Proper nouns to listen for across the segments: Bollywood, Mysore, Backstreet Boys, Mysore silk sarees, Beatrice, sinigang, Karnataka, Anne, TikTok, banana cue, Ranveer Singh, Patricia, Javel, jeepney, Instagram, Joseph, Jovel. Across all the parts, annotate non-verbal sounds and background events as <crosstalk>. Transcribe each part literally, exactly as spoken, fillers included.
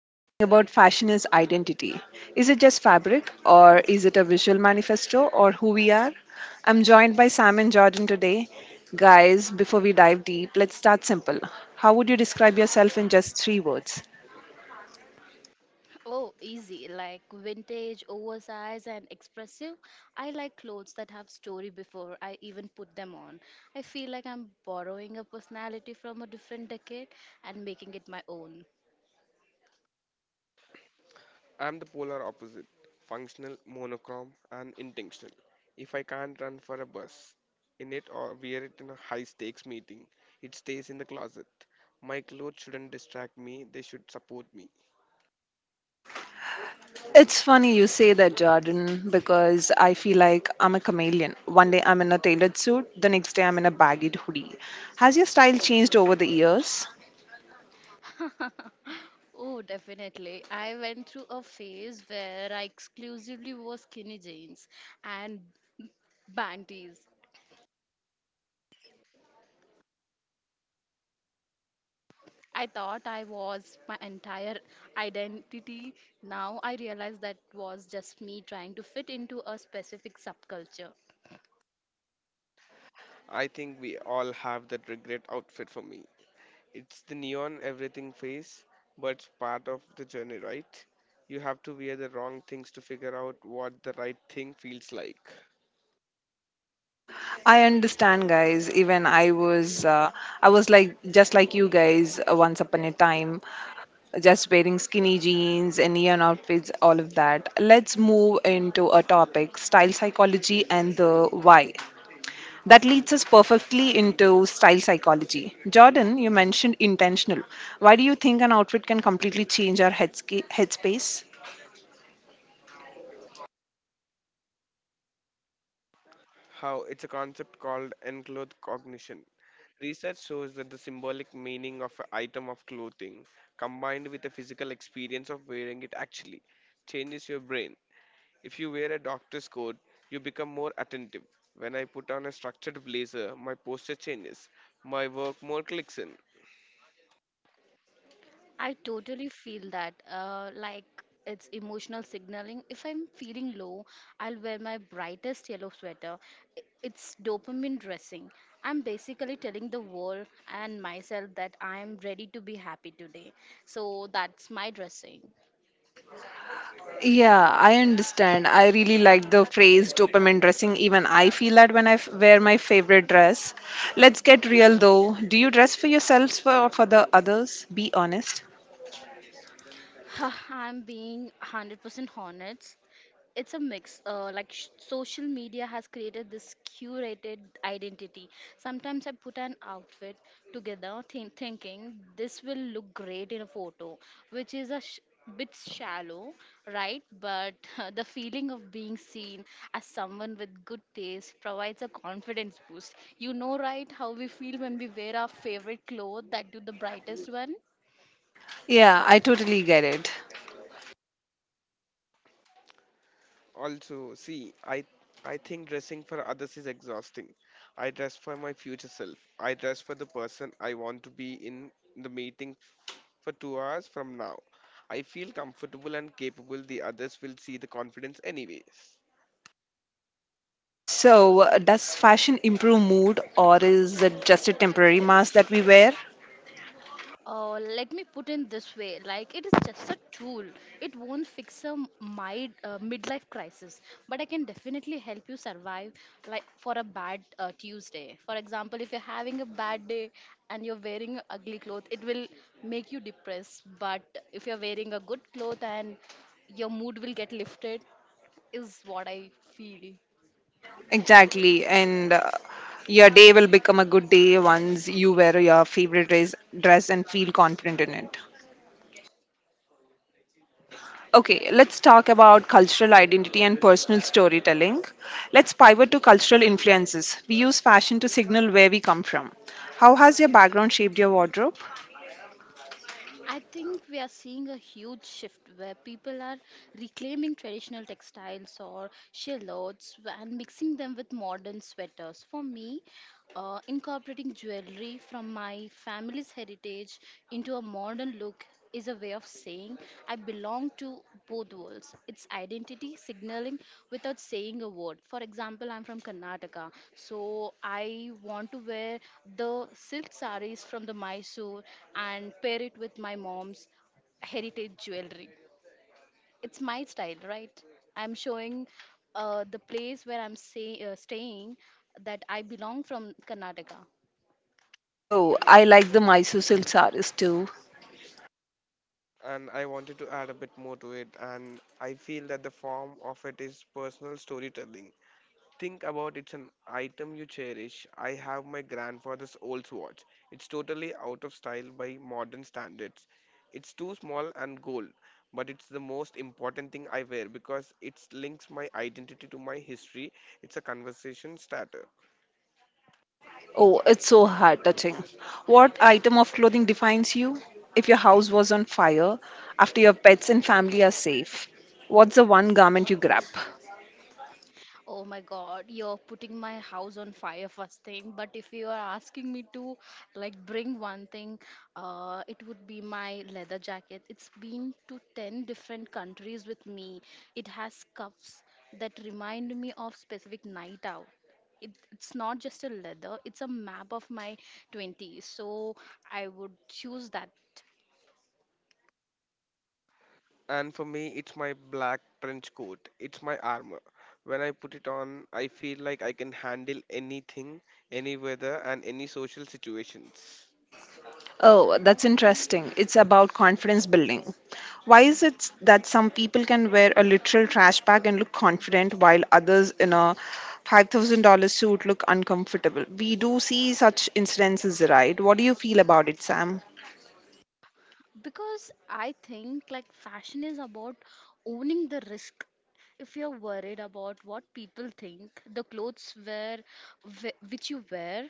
We are talking about fashion as identity. Is it just fabric, or is it a visual manifesto, or who we are? I'm joined by Sam and Jordan today. Guys, before we dive deep, let's start simple. How would you describe yourself in just three words? Oh, easy. Like vintage, oversized, and expressive. I like clothes that have story before I even put them on. I feel like I'm borrowing a personality from a different decade and making it my own. I'm the polar opposite, functional, monochrome, and intentional. If I can't run for a bus in it or wear it in a high stakes meeting, it stays in the closet. My clothes shouldn't distract me, they should support me. It's funny you say that, Jordan, because I feel like I'm a chameleon. One day I'm in a tailored suit, the next day I'm in a baggy hoodie. Has your style changed over the years? <laughs> Oh, definitely. I went through a phase where I exclusively wore skinny jeans and bandies. I thought I was my entire identity. Now I realize that was just me trying to fit into a specific subculture. I think we all have that regret outfit for me. It's the neon everything phase, but it's part of the journey, right? You have to wear the wrong things to figure out what the right thing feels like. I understand, guys. Even I was, uh, I was like just like you guys uh, once upon a time, just wearing skinny jeans and neon outfits, all of that. Let's move into a topic: style psychology and the why. That leads us perfectly into style psychology. Jordan, you mentioned intentional. Why do you think an outfit can completely change our headsca- headspace? How it's a concept called enclothed cognition. Research shows that the symbolic meaning of an item of clothing combined with the physical experience of wearing it actually changes your brain. If you wear a doctor's coat, you become more attentive. When I put on a structured blazer, my posture changes, my work more clicks in. I totally feel that, uh, like it's emotional signaling. If I'm feeling low, I'll wear my brightest yellow sweater. I- It's dopamine dressing. I'm basically telling the world and myself that I'm ready to be happy today. So that's my dressing. Yeah, I understand. I really like the phrase dopamine dressing. Even I feel that when I f- wear my favorite dress. Let's get real though. Do you dress for yourselves for, or for the others? Be honest. <laughs> I'm being one hundred percent honest. It's a mix. Uh, like sh- social media has created this curated identity. Sometimes I put an outfit together think thinking this will look great in a photo, which is a sh- bit shallow, right? But <laughs> the feeling of being seen as someone with good taste provides a confidence boost. You know, right, how we feel when we wear our favorite clothes that do the brightest one? Yeah, I totally get it. Also, see, I I think dressing for others is exhausting. I dress for my future self. I dress for the person I want to be in the meeting for two hours from now. I feel comfortable and capable. The others will see the confidence anyways. So, uh, does fashion improve mood or is it just a temporary mask that we wear? Uh, let me put in this way, like it is just a tool. It won't fix a my uh, midlife crisis, but I can definitely help you survive, like, for a bad uh, Tuesday. For example, if you're having a bad day and you're wearing a ugly clothes, it will make you depressed. But if you're wearing a good cloth and your mood will get lifted, is what I feel. Exactly. And uh, your day will become a good day once you wear your favorite dress, dress and feel confident in it. Okay, let's talk about cultural identity and personal storytelling. Let's pivot to cultural influences. We use fashion to signal where we come from. How has your background shaped your wardrobe? I think we are seeing a huge shift where people are reclaiming traditional textiles or shallots and mixing them with modern sweaters. For me, uh, incorporating jewelry from my family's heritage into a modern look is a way of saying I belong to both worlds. It's identity signaling without saying a word. For example, I'm from Karnataka, so I want to wear the silk sarees from the Mysore and pair it with my mom's heritage jewelry. It's my style, right? I'm showing uh, the place where I'm say, uh, staying, that I belong from Karnataka. Oh, I like the Mysore silk sarees too. And I wanted to add a bit more to it, and I feel that the form of it is personal storytelling. Think about it's an item you cherish. I have my grandfather's old watch. It's totally out of style by modern standards. It's too small and gold, but it's the most important thing I wear because it links my identity to my history. It's a conversation starter. Oh, it's so heart touching. What item of clothing defines you? If your house was on fire, after your pets and family are safe, what's the one garment you grab? Oh my god, you're putting my house on fire first thing. But if you are asking me to like bring one thing, uh, it would be my leather jacket. It's been to ten different countries with me. It has cuffs that remind me of specific night out. It, it's not just a leather, it's a map of my twenties. So I would choose that. And for me, it's my black trench coat. It's my armor. When I put it on, I feel like I can handle anything, any weather, and any social situations. Oh, that's interesting. It's about confidence building. Why is it that some people can wear a literal trash bag and look confident while others in a five thousand dollars suit look uncomfortable? We do see such incidences, right? What do you feel about it, Sam? Because I think like fashion is about owning the risk. If you're worried about what people think, the clothes wear wh- which you wear,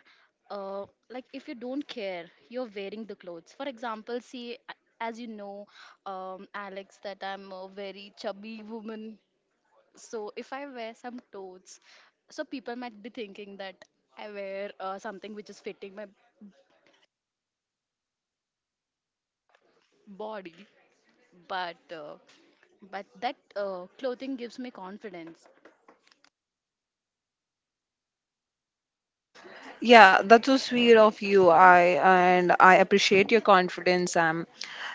uh, like if you don't care, you're wearing the clothes. For example, see, a- as you know, um, Alex, that I'm a very chubby woman. So if I wear some clothes, so people might be thinking that I wear uh, something which is fitting my body. but uh, but that uh, clothing gives me confidence. Yeah, that's so sweet of you. I and I appreciate your confidence, Sam.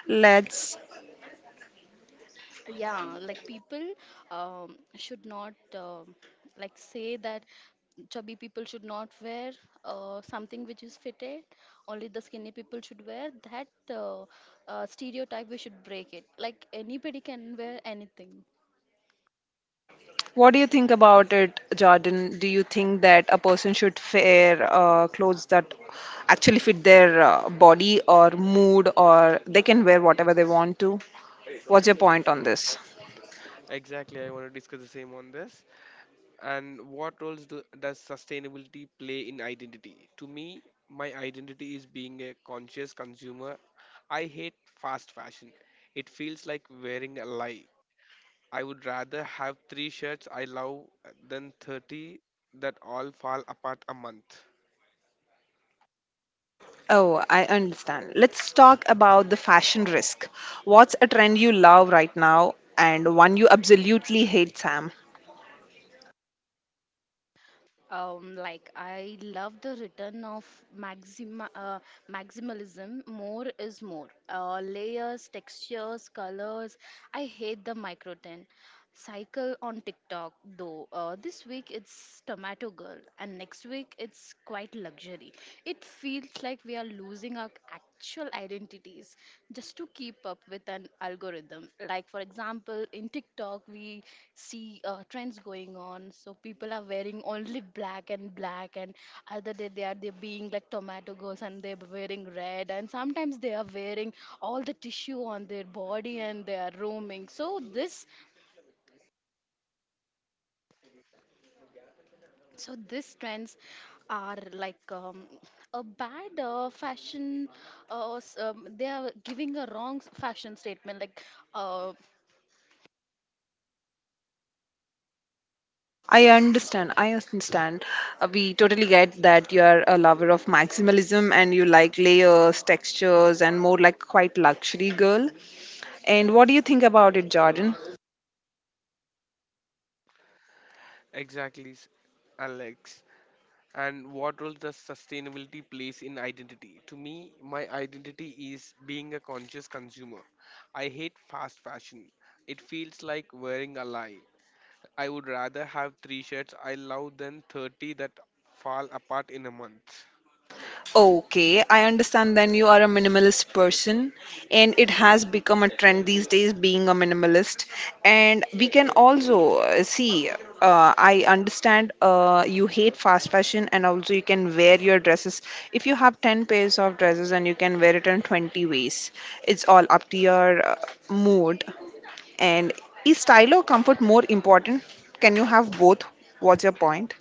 Let's Yeah, like people um, should not uh, like say that chubby people should not wear uh, something which is fitted, only the skinny people should wear that. uh, uh, Stereotype, we should break it, like anybody can wear anything. What do you think about it, Jordan? Do you think that a person should wear uh, clothes that actually fit their uh, body or mood, or they can wear whatever they want to? What's your point on this? Exactly, I want to discuss the same on this. And what roles do, does sustainability play in identity? To me, my identity is being a conscious consumer. I hate fast fashion. It feels like wearing a lie. I would rather have three shirts I love than thirty that all fall apart a month. Oh, I understand. Let's talk about the fashion risk. What's a trend you love right now and one you absolutely hate, Sam? Um, like I love the return of maxima, uh, maximalism. More is more. Uh, layers, textures, colors. I hate the micro ten cycle on TikTok though. Uh, this week it's Tomato Girl, and next week it's quite luxury. It feels like we are losing our actual identities just to keep up with an algorithm. Like, for example, in TikTok, we see uh, trends going on. So, people are wearing only black and black, and other day they are they being like tomato girls and they're wearing red, and sometimes they are wearing all the tissue on their body and they are roaming. So, this so these trends are like um, a bad uh, fashion, uh, s- um, they are giving a wrong s- fashion statement, like uh, I understand. I understand. Uh, we totally get that you are a lover of maximalism and you like layers, textures, and more like quite luxury girl. And what do you think about it, Jordan? Exactly, s- Alex. And what role does sustainability plays in identity? To me, my identity is being a conscious consumer. I hate fast fashion. It feels like wearing a lie. I would rather have three shirts I love than thirty that fall apart in a month. Okay, I understand then you are a minimalist person, and it has become a trend these days being a minimalist. And we can also uh, see, uh, I understand uh, you hate fast fashion, and also you can wear your dresses. If you have ten pairs of dresses and you can wear it in twenty ways, it's all up to your uh, mood. And is style or comfort more important? Can you have both? What's your point?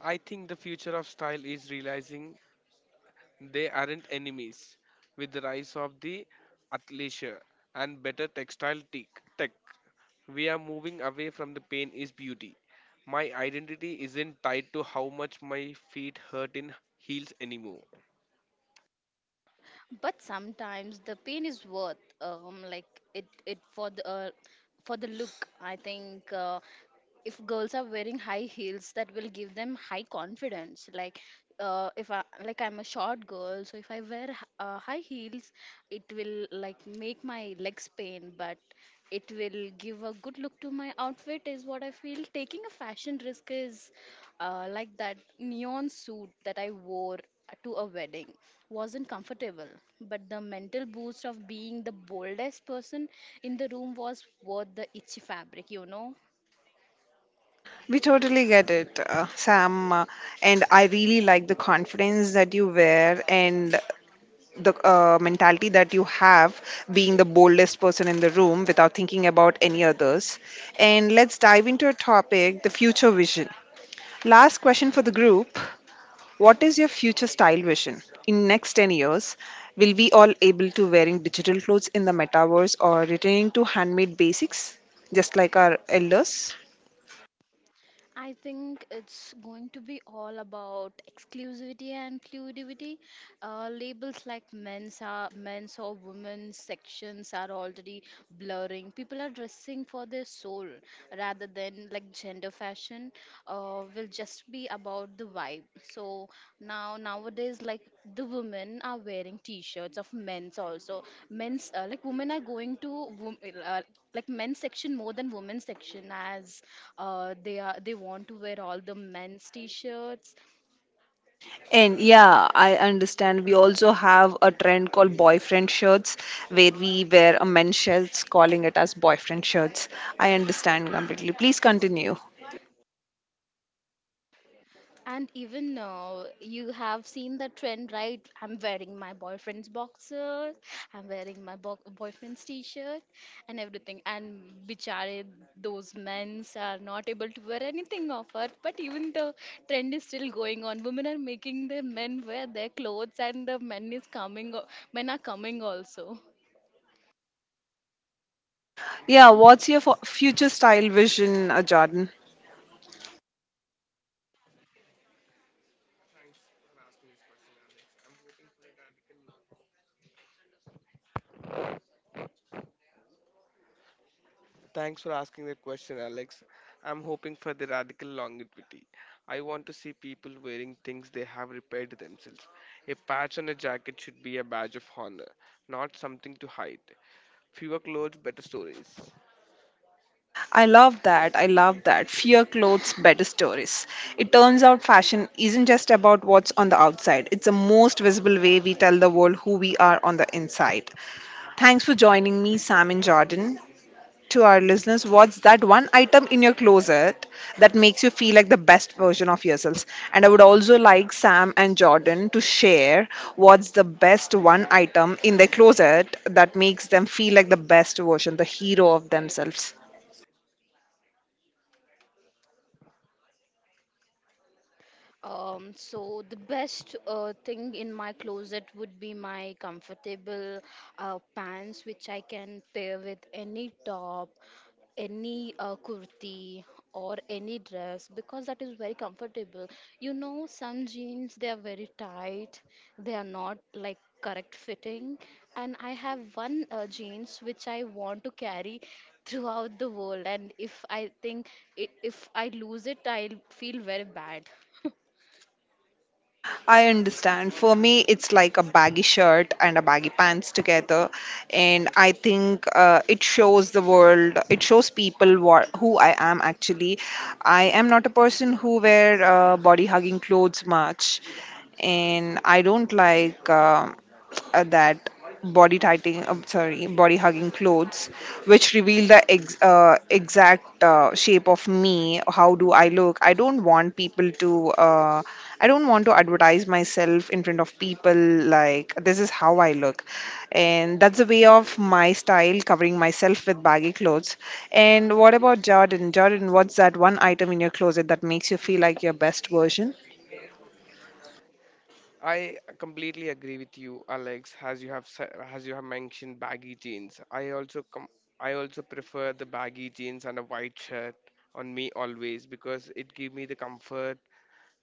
I think the future of style is realizing they aren't enemies. With the rise of the athleisure and better textile tech, tech, we are moving away from the pain is beauty. My identity isn't tied to how much my feet hurt in heels anymore. but sometimes the pain is worth, um like it it for the uh, for the look. I think, uh, if girls are wearing high heels that will give them high confidence, like uh, if I like I'm a short girl, so if I wear h- uh, high heels, it will like make my legs pain, but it will give a good look to my outfit. Is what I feel. Taking a fashion risk is, uh, like that neon suit that I wore to a wedding wasn't comfortable, but the mental boost of being the boldest person in the room was worth the itchy fabric, you know. We totally get it, uh, Sam. Uh, and I really like the confidence that you wear and the uh, mentality that you have being the boldest person in the room without thinking about any others. And let's dive into a topic the future vision. Last question for the group. What is your future style vision? In next ten years, will we all able to wearing digital clothes in the metaverse or returning to handmade basics just like our elders? I think it's going to be all about exclusivity and fluidity. Uh, labels like men's are men's or women's sections are already blurring. People are dressing for their soul rather than like gender fashion. Uh, will just just be about the vibe. So now nowadays, like the women are wearing t-shirts of men's also. Men's uh, Like women are going to wom- uh, like men's section more than women's section, as uh, they are they want to wear all the men's t-shirts. And yeah, I understand. We also have a trend called boyfriend shirts, where we wear a men's shirts, calling it as boyfriend shirts. I understand completely. Please continue. And even now, you have seen the trend, right? I'm wearing my boyfriend's boxers, I'm wearing my bo- boyfriend's t shirt, and everything. And bichare, those men's are not able to wear anything of it. But even the trend is still going on. Women are making the men wear their clothes, and the men is coming, o- men are coming also. Yeah, what's your fu- future style vision, uh, Jordan? Thanks for asking that question, Alex. I'm hoping for the radical longevity. I want to see people wearing things they have repaired themselves. A patch on a jacket should be a badge of honor, not something to hide. Fewer clothes, better stories. I love that. I love that. Fear clothes, better stories. It turns out fashion isn't just about what's on the outside, it's the most visible way we tell the world who we are on the inside. Thanks for joining me, Sam and Jordan. To our listeners, what's that one item in your closet that makes you feel like the best version of yourselves? And I would also like Sam and Jordan to share what's the best one item in their closet that makes them feel like the best version, the hero of themselves. Um, so the best uh, thing in my closet would be my comfortable uh, pants, which I can pair with any top, any uh, kurti, or any dress, because that is very comfortable. You know, some jeans they are very tight, they are not like correct fitting, and I have one uh, jeans which I want to carry throughout the world, and if I think i- if I lose it, I'll feel very bad. <laughs> I understand. For me, it's like a baggy shirt and a baggy pants together, and I think uh, it shows the world. It shows people what who I am actually. I am not a person who wear uh, body hugging clothes much, and I don't like um <tsk> uh, that body tightening, I'm sorry, body hugging clothes, which reveal the ex- uh, exact uh, shape of me. How do I look? I don't want people to. Uh, I don't want to advertise myself in front of people like this is how I look, and that's a way of my style covering myself with baggy clothes. And what about Jordan? Jordan, what's that one item in your closet that makes you feel like your best version? I completely agree with you, Alex. As you have se- as you have mentioned, baggy jeans. I also com- I also prefer the baggy jeans and a white shirt on me always because it give me the comfort,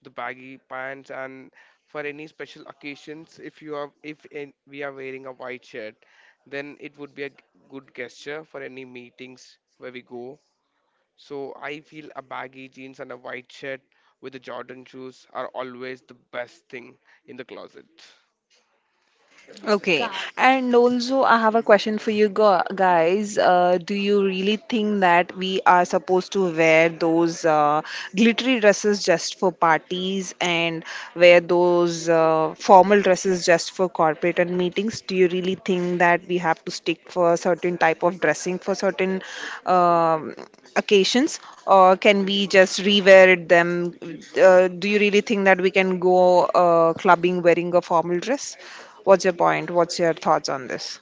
the baggy pants, and for any special occasions, if you are if in, we are wearing a white shirt, then it would be a g- good gesture for any meetings where we go. So I feel a baggy jeans and a white shirt with the Jordan shoes are always the best thing in the closet. Okay, God. and also I have a question for you gu- guys. Uh, do you really think that we are supposed to wear those uh, glittery dresses just for parties and wear those uh, formal dresses just for corporate and meetings? Do you really think that we have to stick for a certain type of dressing for certain um, occasions, or can we just rewear it them? Uh, do you really think that we can go uh, clubbing wearing a formal dress? What's your point? What's your thoughts on this?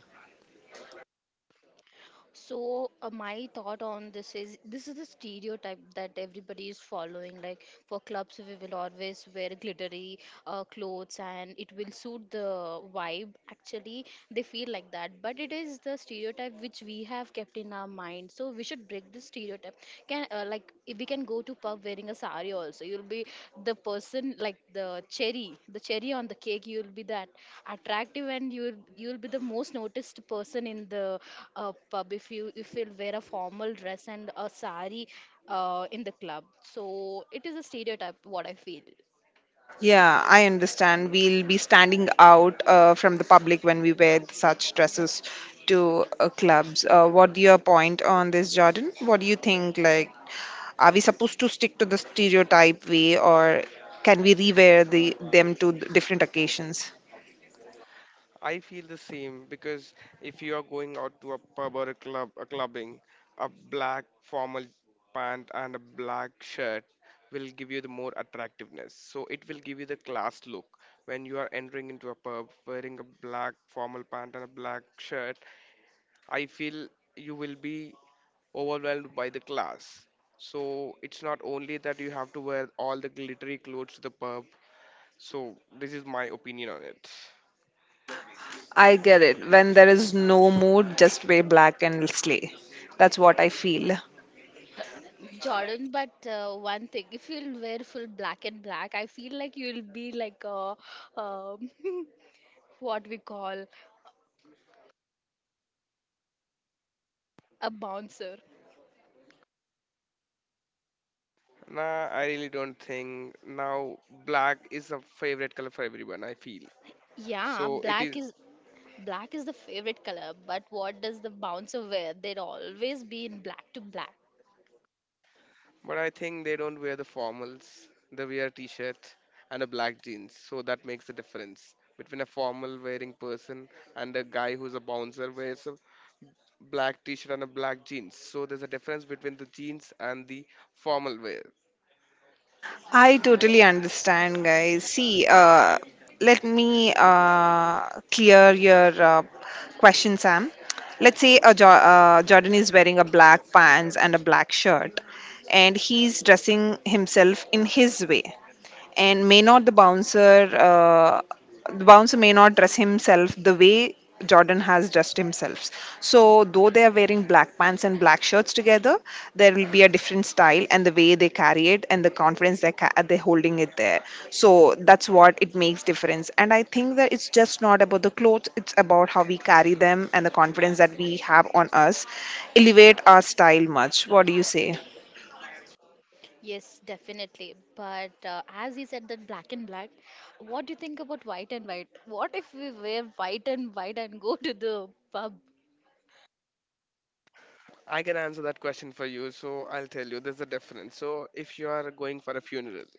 So uh, my thought on this is, this is the stereotype that everybody is following. Like for clubs, we will always wear glittery uh, clothes and it will suit the vibe. Actually, they feel like that, but it is the stereotype which we have kept in our mind. So we should break this stereotype. Can uh, like if we can go to pub wearing a sari also, you'll be the person, like the cherry the cherry on the cake, you'll be that attractive, and you'll you'll be the most noticed person in the uh, pub. If you if you'll wear a formal dress and a sari uh, in the club, so it is a stereotype, what I feel. Yeah, I understand. We'll be standing out uh, from the public when we wear such dresses to uh, clubs. Uh, what your point on this, Jordan? What do you think? Like, are we supposed to stick to the stereotype way, or can we rewear the them to different occasions? I feel the same because if you are going out to a pub or a club, a clubbing, a black formal pant and a black shirt will give you the more attractiveness. So it will give you the class look. When you are entering into a pub wearing a black formal pant and a black shirt, I feel you will be overwhelmed by the class. So it's not only that you have to wear all the glittery clothes to the pub. So this is my opinion on it. I get it. When there is no mood, just wear black and slay. That's what I feel. Jordan, but uh, one thing, if you'll wear full black and black, I feel like you'll be like a, um, <laughs> what we call a bouncer. Nah, I really don't think. Now, black is a favorite color for everyone, I feel. Yeah, So it black is. is black is the favorite color, but what does the bouncer wear? They'd always be in black to black. But I think they don't wear the formals. They wear a t-shirt and a black jeans. So that makes the difference between a formal wearing person and a guy who's a bouncer wears a black t-shirt and a black jeans. So there's a difference between the jeans and the formal wear. I totally understand, guys. See, uh, let me uh, clear your uh, question, Sam. Let's say a jo- uh, Jordan is wearing a black pants and a black shirt, and he's dressing himself in his way and may not the bouncer uh, the bouncer may not dress himself the way Jordan has dressed himself. So though they are wearing black pants and black shirts together, there will be a different style and the way they carry it and the confidence they ca- they're holding it there. So that's what it makes difference. And I think that it's just not about the clothes; it's about how we carry them and the confidence that we have on us, elevate our style much. What do you say? Yes, definitely. But uh, as he said that black and black, what do you think about white and white? What if we wear white and white and go to the pub? I can answer that question for you, so I'll tell you there's a difference. So if you are going for a funeral,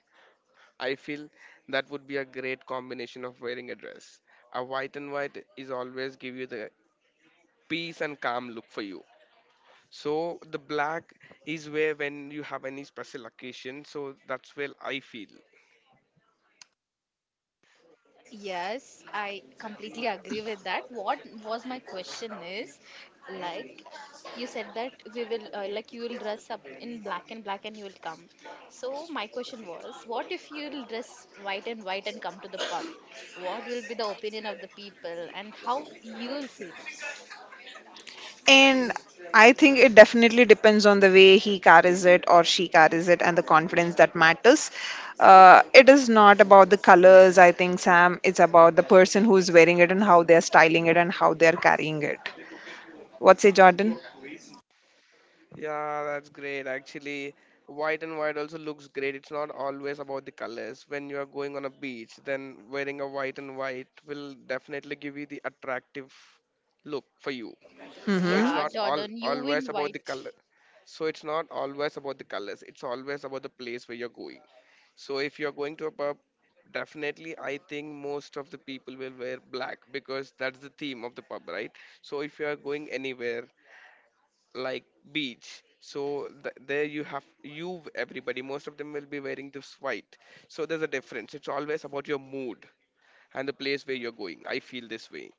I feel that would be a great combination of wearing a dress. A white and white is always give you the peace and calm look for you. So the black is where when you have any special occasion. So that's where I feel. Yes, I completely agree with that. What was my question is, like, you said that we will uh, like you will dress up in black and black and you will come. So my question was, what if you'll dress white and white and come to the pub? What will be the opinion of the people and how you will feel? And I think it definitely depends on the way he carries it or she carries it and the confidence that matters. Uh, it is not about the colors, I think, Sam. It's about the person who is wearing it and how they're styling it and how they're carrying it. What say, Jordan? Yeah, that's great. Actually, white and white also looks great. It's not always about the colors. When you are going on a beach, then wearing a white and white will definitely give you the attractive look for you. So it's Yeah, not all Jordan, you always in about the white. color. So it's not always about the colors. It's always about the place where you're going. So if you're going to a pub, definitely I think most of the people will wear black because that's the theme of the pub, right? So if you are going anywhere like beach, so th- there you have you everybody most of them will be wearing this white. So there's a difference. It's always about your mood and the place where you're going, I feel this way.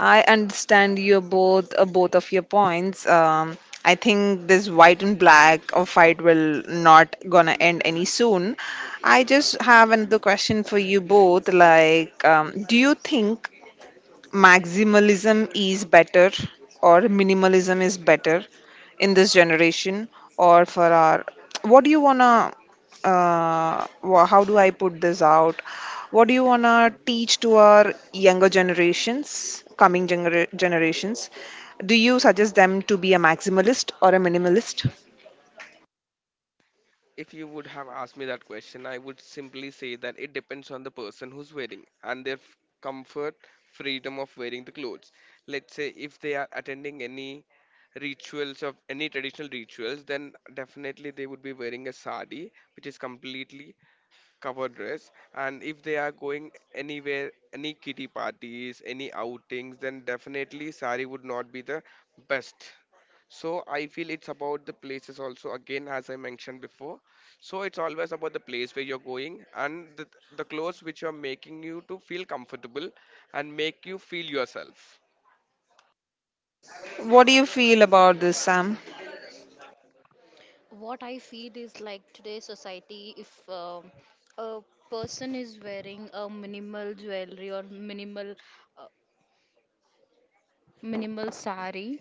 I understand your both uh, both of your points. Um, I think this white and black of fight will not gonna end any soon. I just have another question for you both. Like, um, do you think maximalism is better or minimalism is better in this generation or for our, what do you wanna uh wha- how do I put this out? What do you wanna teach to our younger generations, coming gener- generations? Do you suggest them to be a maximalist or a minimalist? If you would have asked me that question, I would simply say that it depends on the person who's wearing and their f- comfort, freedom of wearing the clothes. Let's say if they are attending any rituals of any traditional rituals, then definitely they would be wearing a sari which is completely cover dress. And if they are going anywhere, any kitty parties, any outings, then definitely sari would not be the best. So I feel it's about the places also, again, as I mentioned before. So it's always about the place where you're going and the, the clothes which are making you to feel comfortable and make you feel yourself. What do you feel about this, Sam? What I feel is, like, today's society, if um a person is wearing a minimal jewelry or minimal uh, minimal salary,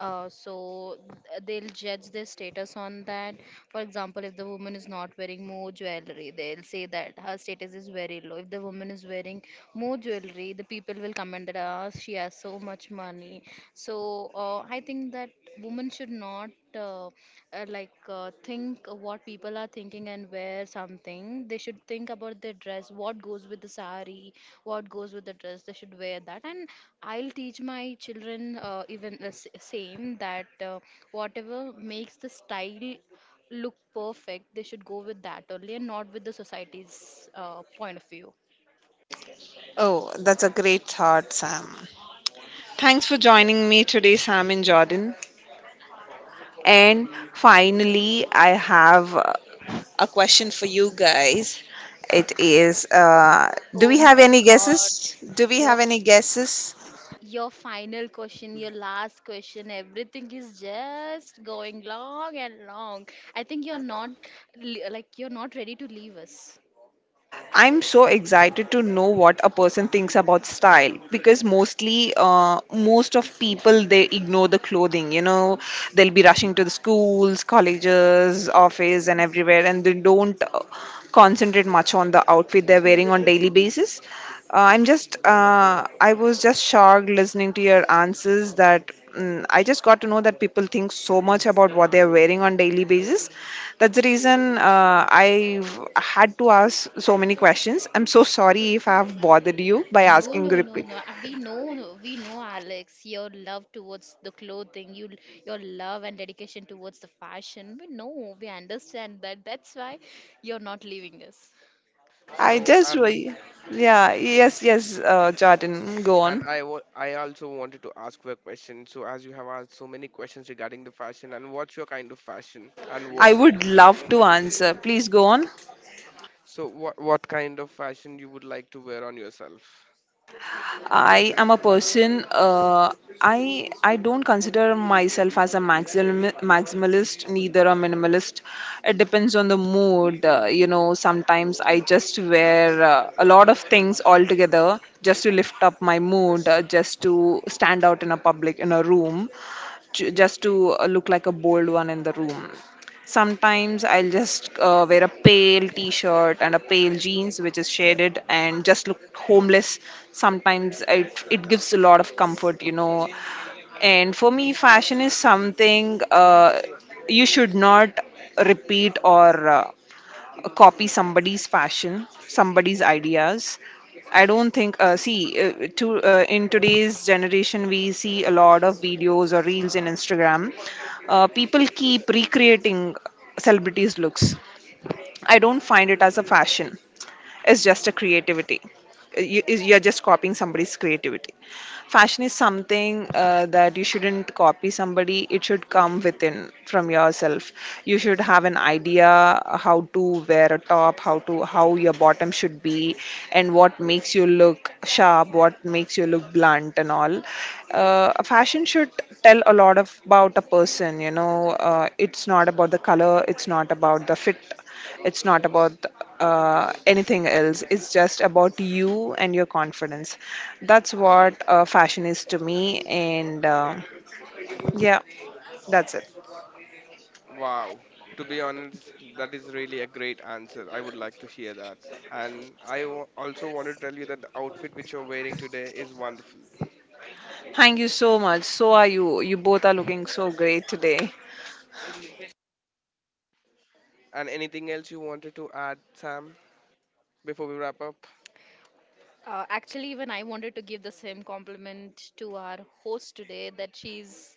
uh, so th- they'll judge their status on that. For example, if the woman is not wearing more jewelry, they'll say that her status is very low. If the woman is wearing more jewelry, the people will comment that, ah, she has so much money. So uh, I think that women should not uh, uh, like uh, think what people are thinking and wear something. They should think about their dress, what goes with the sari, what goes with the dress. They should wear that, and I'll teach my children uh, even the s- same, that uh, whatever makes the style look perfect, they should go with that only, and not with the society's uh, point of view. Oh, that's a great thought, Sam. Thanks for joining me today, Sam and Jordan. And finally, I have uh, a question for you guys. It is uh, do Oh we have my any God, guesses? Do we your have any guesses? your final question, your last question, everything is just going long and long. I think you're not li- like you're not ready to leave us. I'm so excited to know what a person thinks about style because mostly, uh, most of people they ignore the clothing. You know, they'll be rushing to the schools, colleges, office, and everywhere, and they don't uh, concentrate much on the outfit they're wearing on daily basis. Uh, I'm just, uh, I was just shocked listening to your answers that. Mm, I just got to know that people think so much about what they're wearing on daily basis. That's the reason uh, I've had to ask so many questions. I'm so sorry if I've bothered you by No, asking no, no, repeat. no. Uh, We know, no, we know, Alex, your love towards the clothing, you, your love and dedication towards the fashion. We know, we understand that. That's why you're not leaving us. I So just, and re- yeah, yes, yes, uh, Jordan, go and on. I wa- I also wanted to ask you a question. So as you have asked so many questions regarding the fashion and what's your kind of fashion and what. I would love to answer. Please go on. So what what kind of fashion you would like to wear on yourself? I am a person. Uh, I I don't consider myself as a maximal, maximalist, neither a minimalist. It depends on the mood. Uh, you know, sometimes I just wear uh, a lot of things all together just to lift up my mood, uh, just to stand out in a public in a room, ju- just to uh, look like a bold one in the room. Sometimes I'll just uh, wear a pale t-shirt and a pale jeans which is shaded and just look homeless. Sometimes it it gives a lot of comfort, you know. And for me, fashion is something uh, you should not repeat or uh, copy somebody's fashion, somebody's ideas. I don't think. Uh, see, uh, to uh, in today's generation, we see a lot of videos or reels in Instagram. Uh, people keep recreating celebrities' looks. I don't find it as a fashion. It's just a creativity. You- You're just copying somebody's creativity. Fashion is something uh, that you shouldn't copy somebody. It should come within from yourself. You should have an idea how to wear a top, how to how your bottom should be, and what makes you look sharp, what makes you look blunt, and all. Uh, a fashion should tell a lot of about a person. You know, uh, it's not about the color. It's not about the fit, it's not about uh, anything else. It's just about you and your confidence. That's what uh, fashion is to me. And uh, yeah, that's it. Wow. To be honest, that is really a great answer. I would like to hear that. And I wa- also want to tell you that the outfit which you're wearing today is wonderful. Thank you so much. So are you. You both are looking so great today. And anything else you wanted to add, Sam, before we wrap up? Uh, actually, even I wanted to give the same compliment to our host today, that she's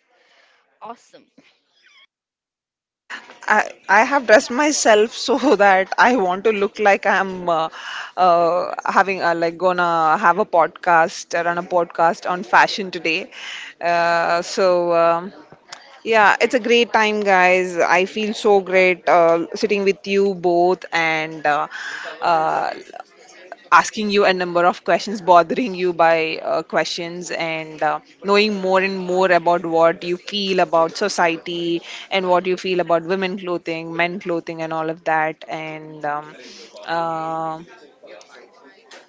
awesome. I, I have dressed myself so <laughs> that I want to look like I'm uh, uh, having uh, like gonna have a podcast, run a podcast on fashion today. Uh, so um, Yeah, it's a great time, guys. I feel so great uh, sitting with you both and uh, uh, asking you a number of questions, bothering you by uh, questions, and uh, knowing more and more about what you feel about society and what you feel about women clothing, men clothing, and all of that. And um, uh,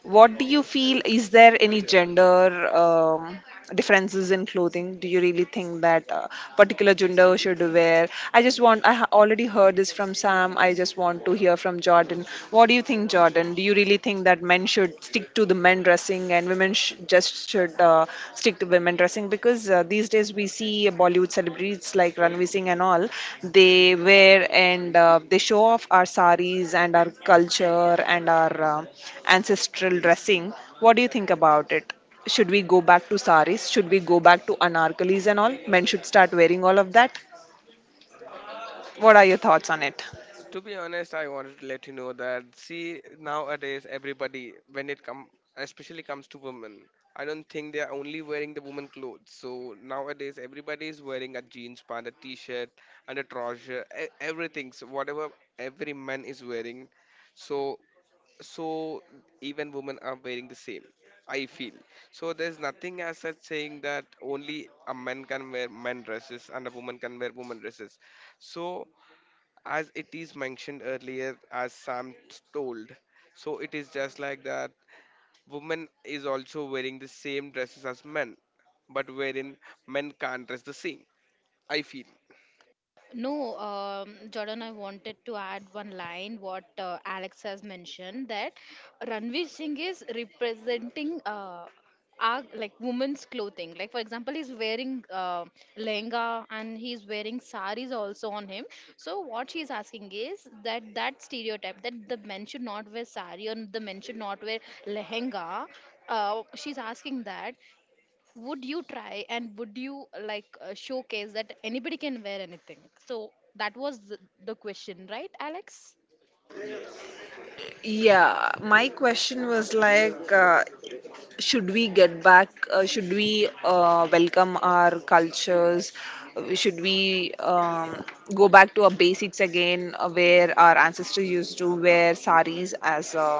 what do you feel? Is there any gender um, differences in clothing? Do you really think that uh, particular gender should wear? I just want. I ha- already heard this from Sam. I just want to hear from Jordan. What do you think, Jordan? Do you really think that men should stick to the men dressing and women sh- just should uh, stick women dressing because uh, these days we see Bollywood celebrities like Ranveer Singh and all. They wear and uh, they show off our saris and our culture and our uh, ancestral dressing. What do you think about it? Should we go back to saris? Should we go back to anarkalis and all? Men should start wearing all of that. What are your thoughts on it? To be honest, I wanted to let you know that see nowadays everybody when it come, especially comes to women, I don't think they are only wearing the woman clothes. So nowadays everybody is wearing a jeans pant, a t-shirt, and a trouser, e- everything. So whatever every man is wearing, so so even women are wearing the same. I feel so. There's nothing as such saying that only a man can wear men dresses and a woman can wear woman dresses. So as it is mentioned earlier, as Sam told, so it is just like that women is also wearing the same dresses as men, but wherein men can't dress the same, I feel. No, um, Jordan, I wanted to add one line, what uh, Alex has mentioned, that Ranveer Singh is representing uh, our like women's clothing. Like for example, he's wearing uh, lehenga and he's wearing saris also on him. So what she's asking is that that stereotype, that the men should not wear sari or the men should not wear lehenga. Uh, she's asking that, would you try and would you like uh, showcase that anybody can wear anything, so that was the, the question, right, Alex? Yeah, my question was like, uh, should we get back uh, should we uh, welcome our cultures. Uh, should we um, go back to our basics again uh, where our ancestors used to wear saris as a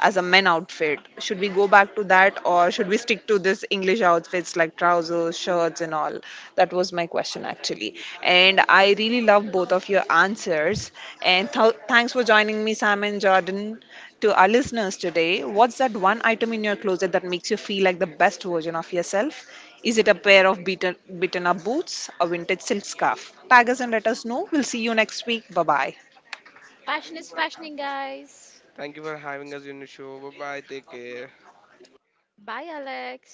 as a men outfit? Should we go back to that, or should we stick to this english outfits like trousers, shirts, and all? That was my question, actually. And I really love both of your answers. And th- thanks for joining me, Sam and Jordan. To our listeners today, what's that one item in your closet that makes you feel like the best version of yourself? Is it a pair of beaten, beaten up boots, a vintage silk scarf? Tag us and let us know. We'll see you next week. Bye bye. Fashion is fashioning, guys. Thank you for having us on the show. Bye bye. Take care. Bye, Alex.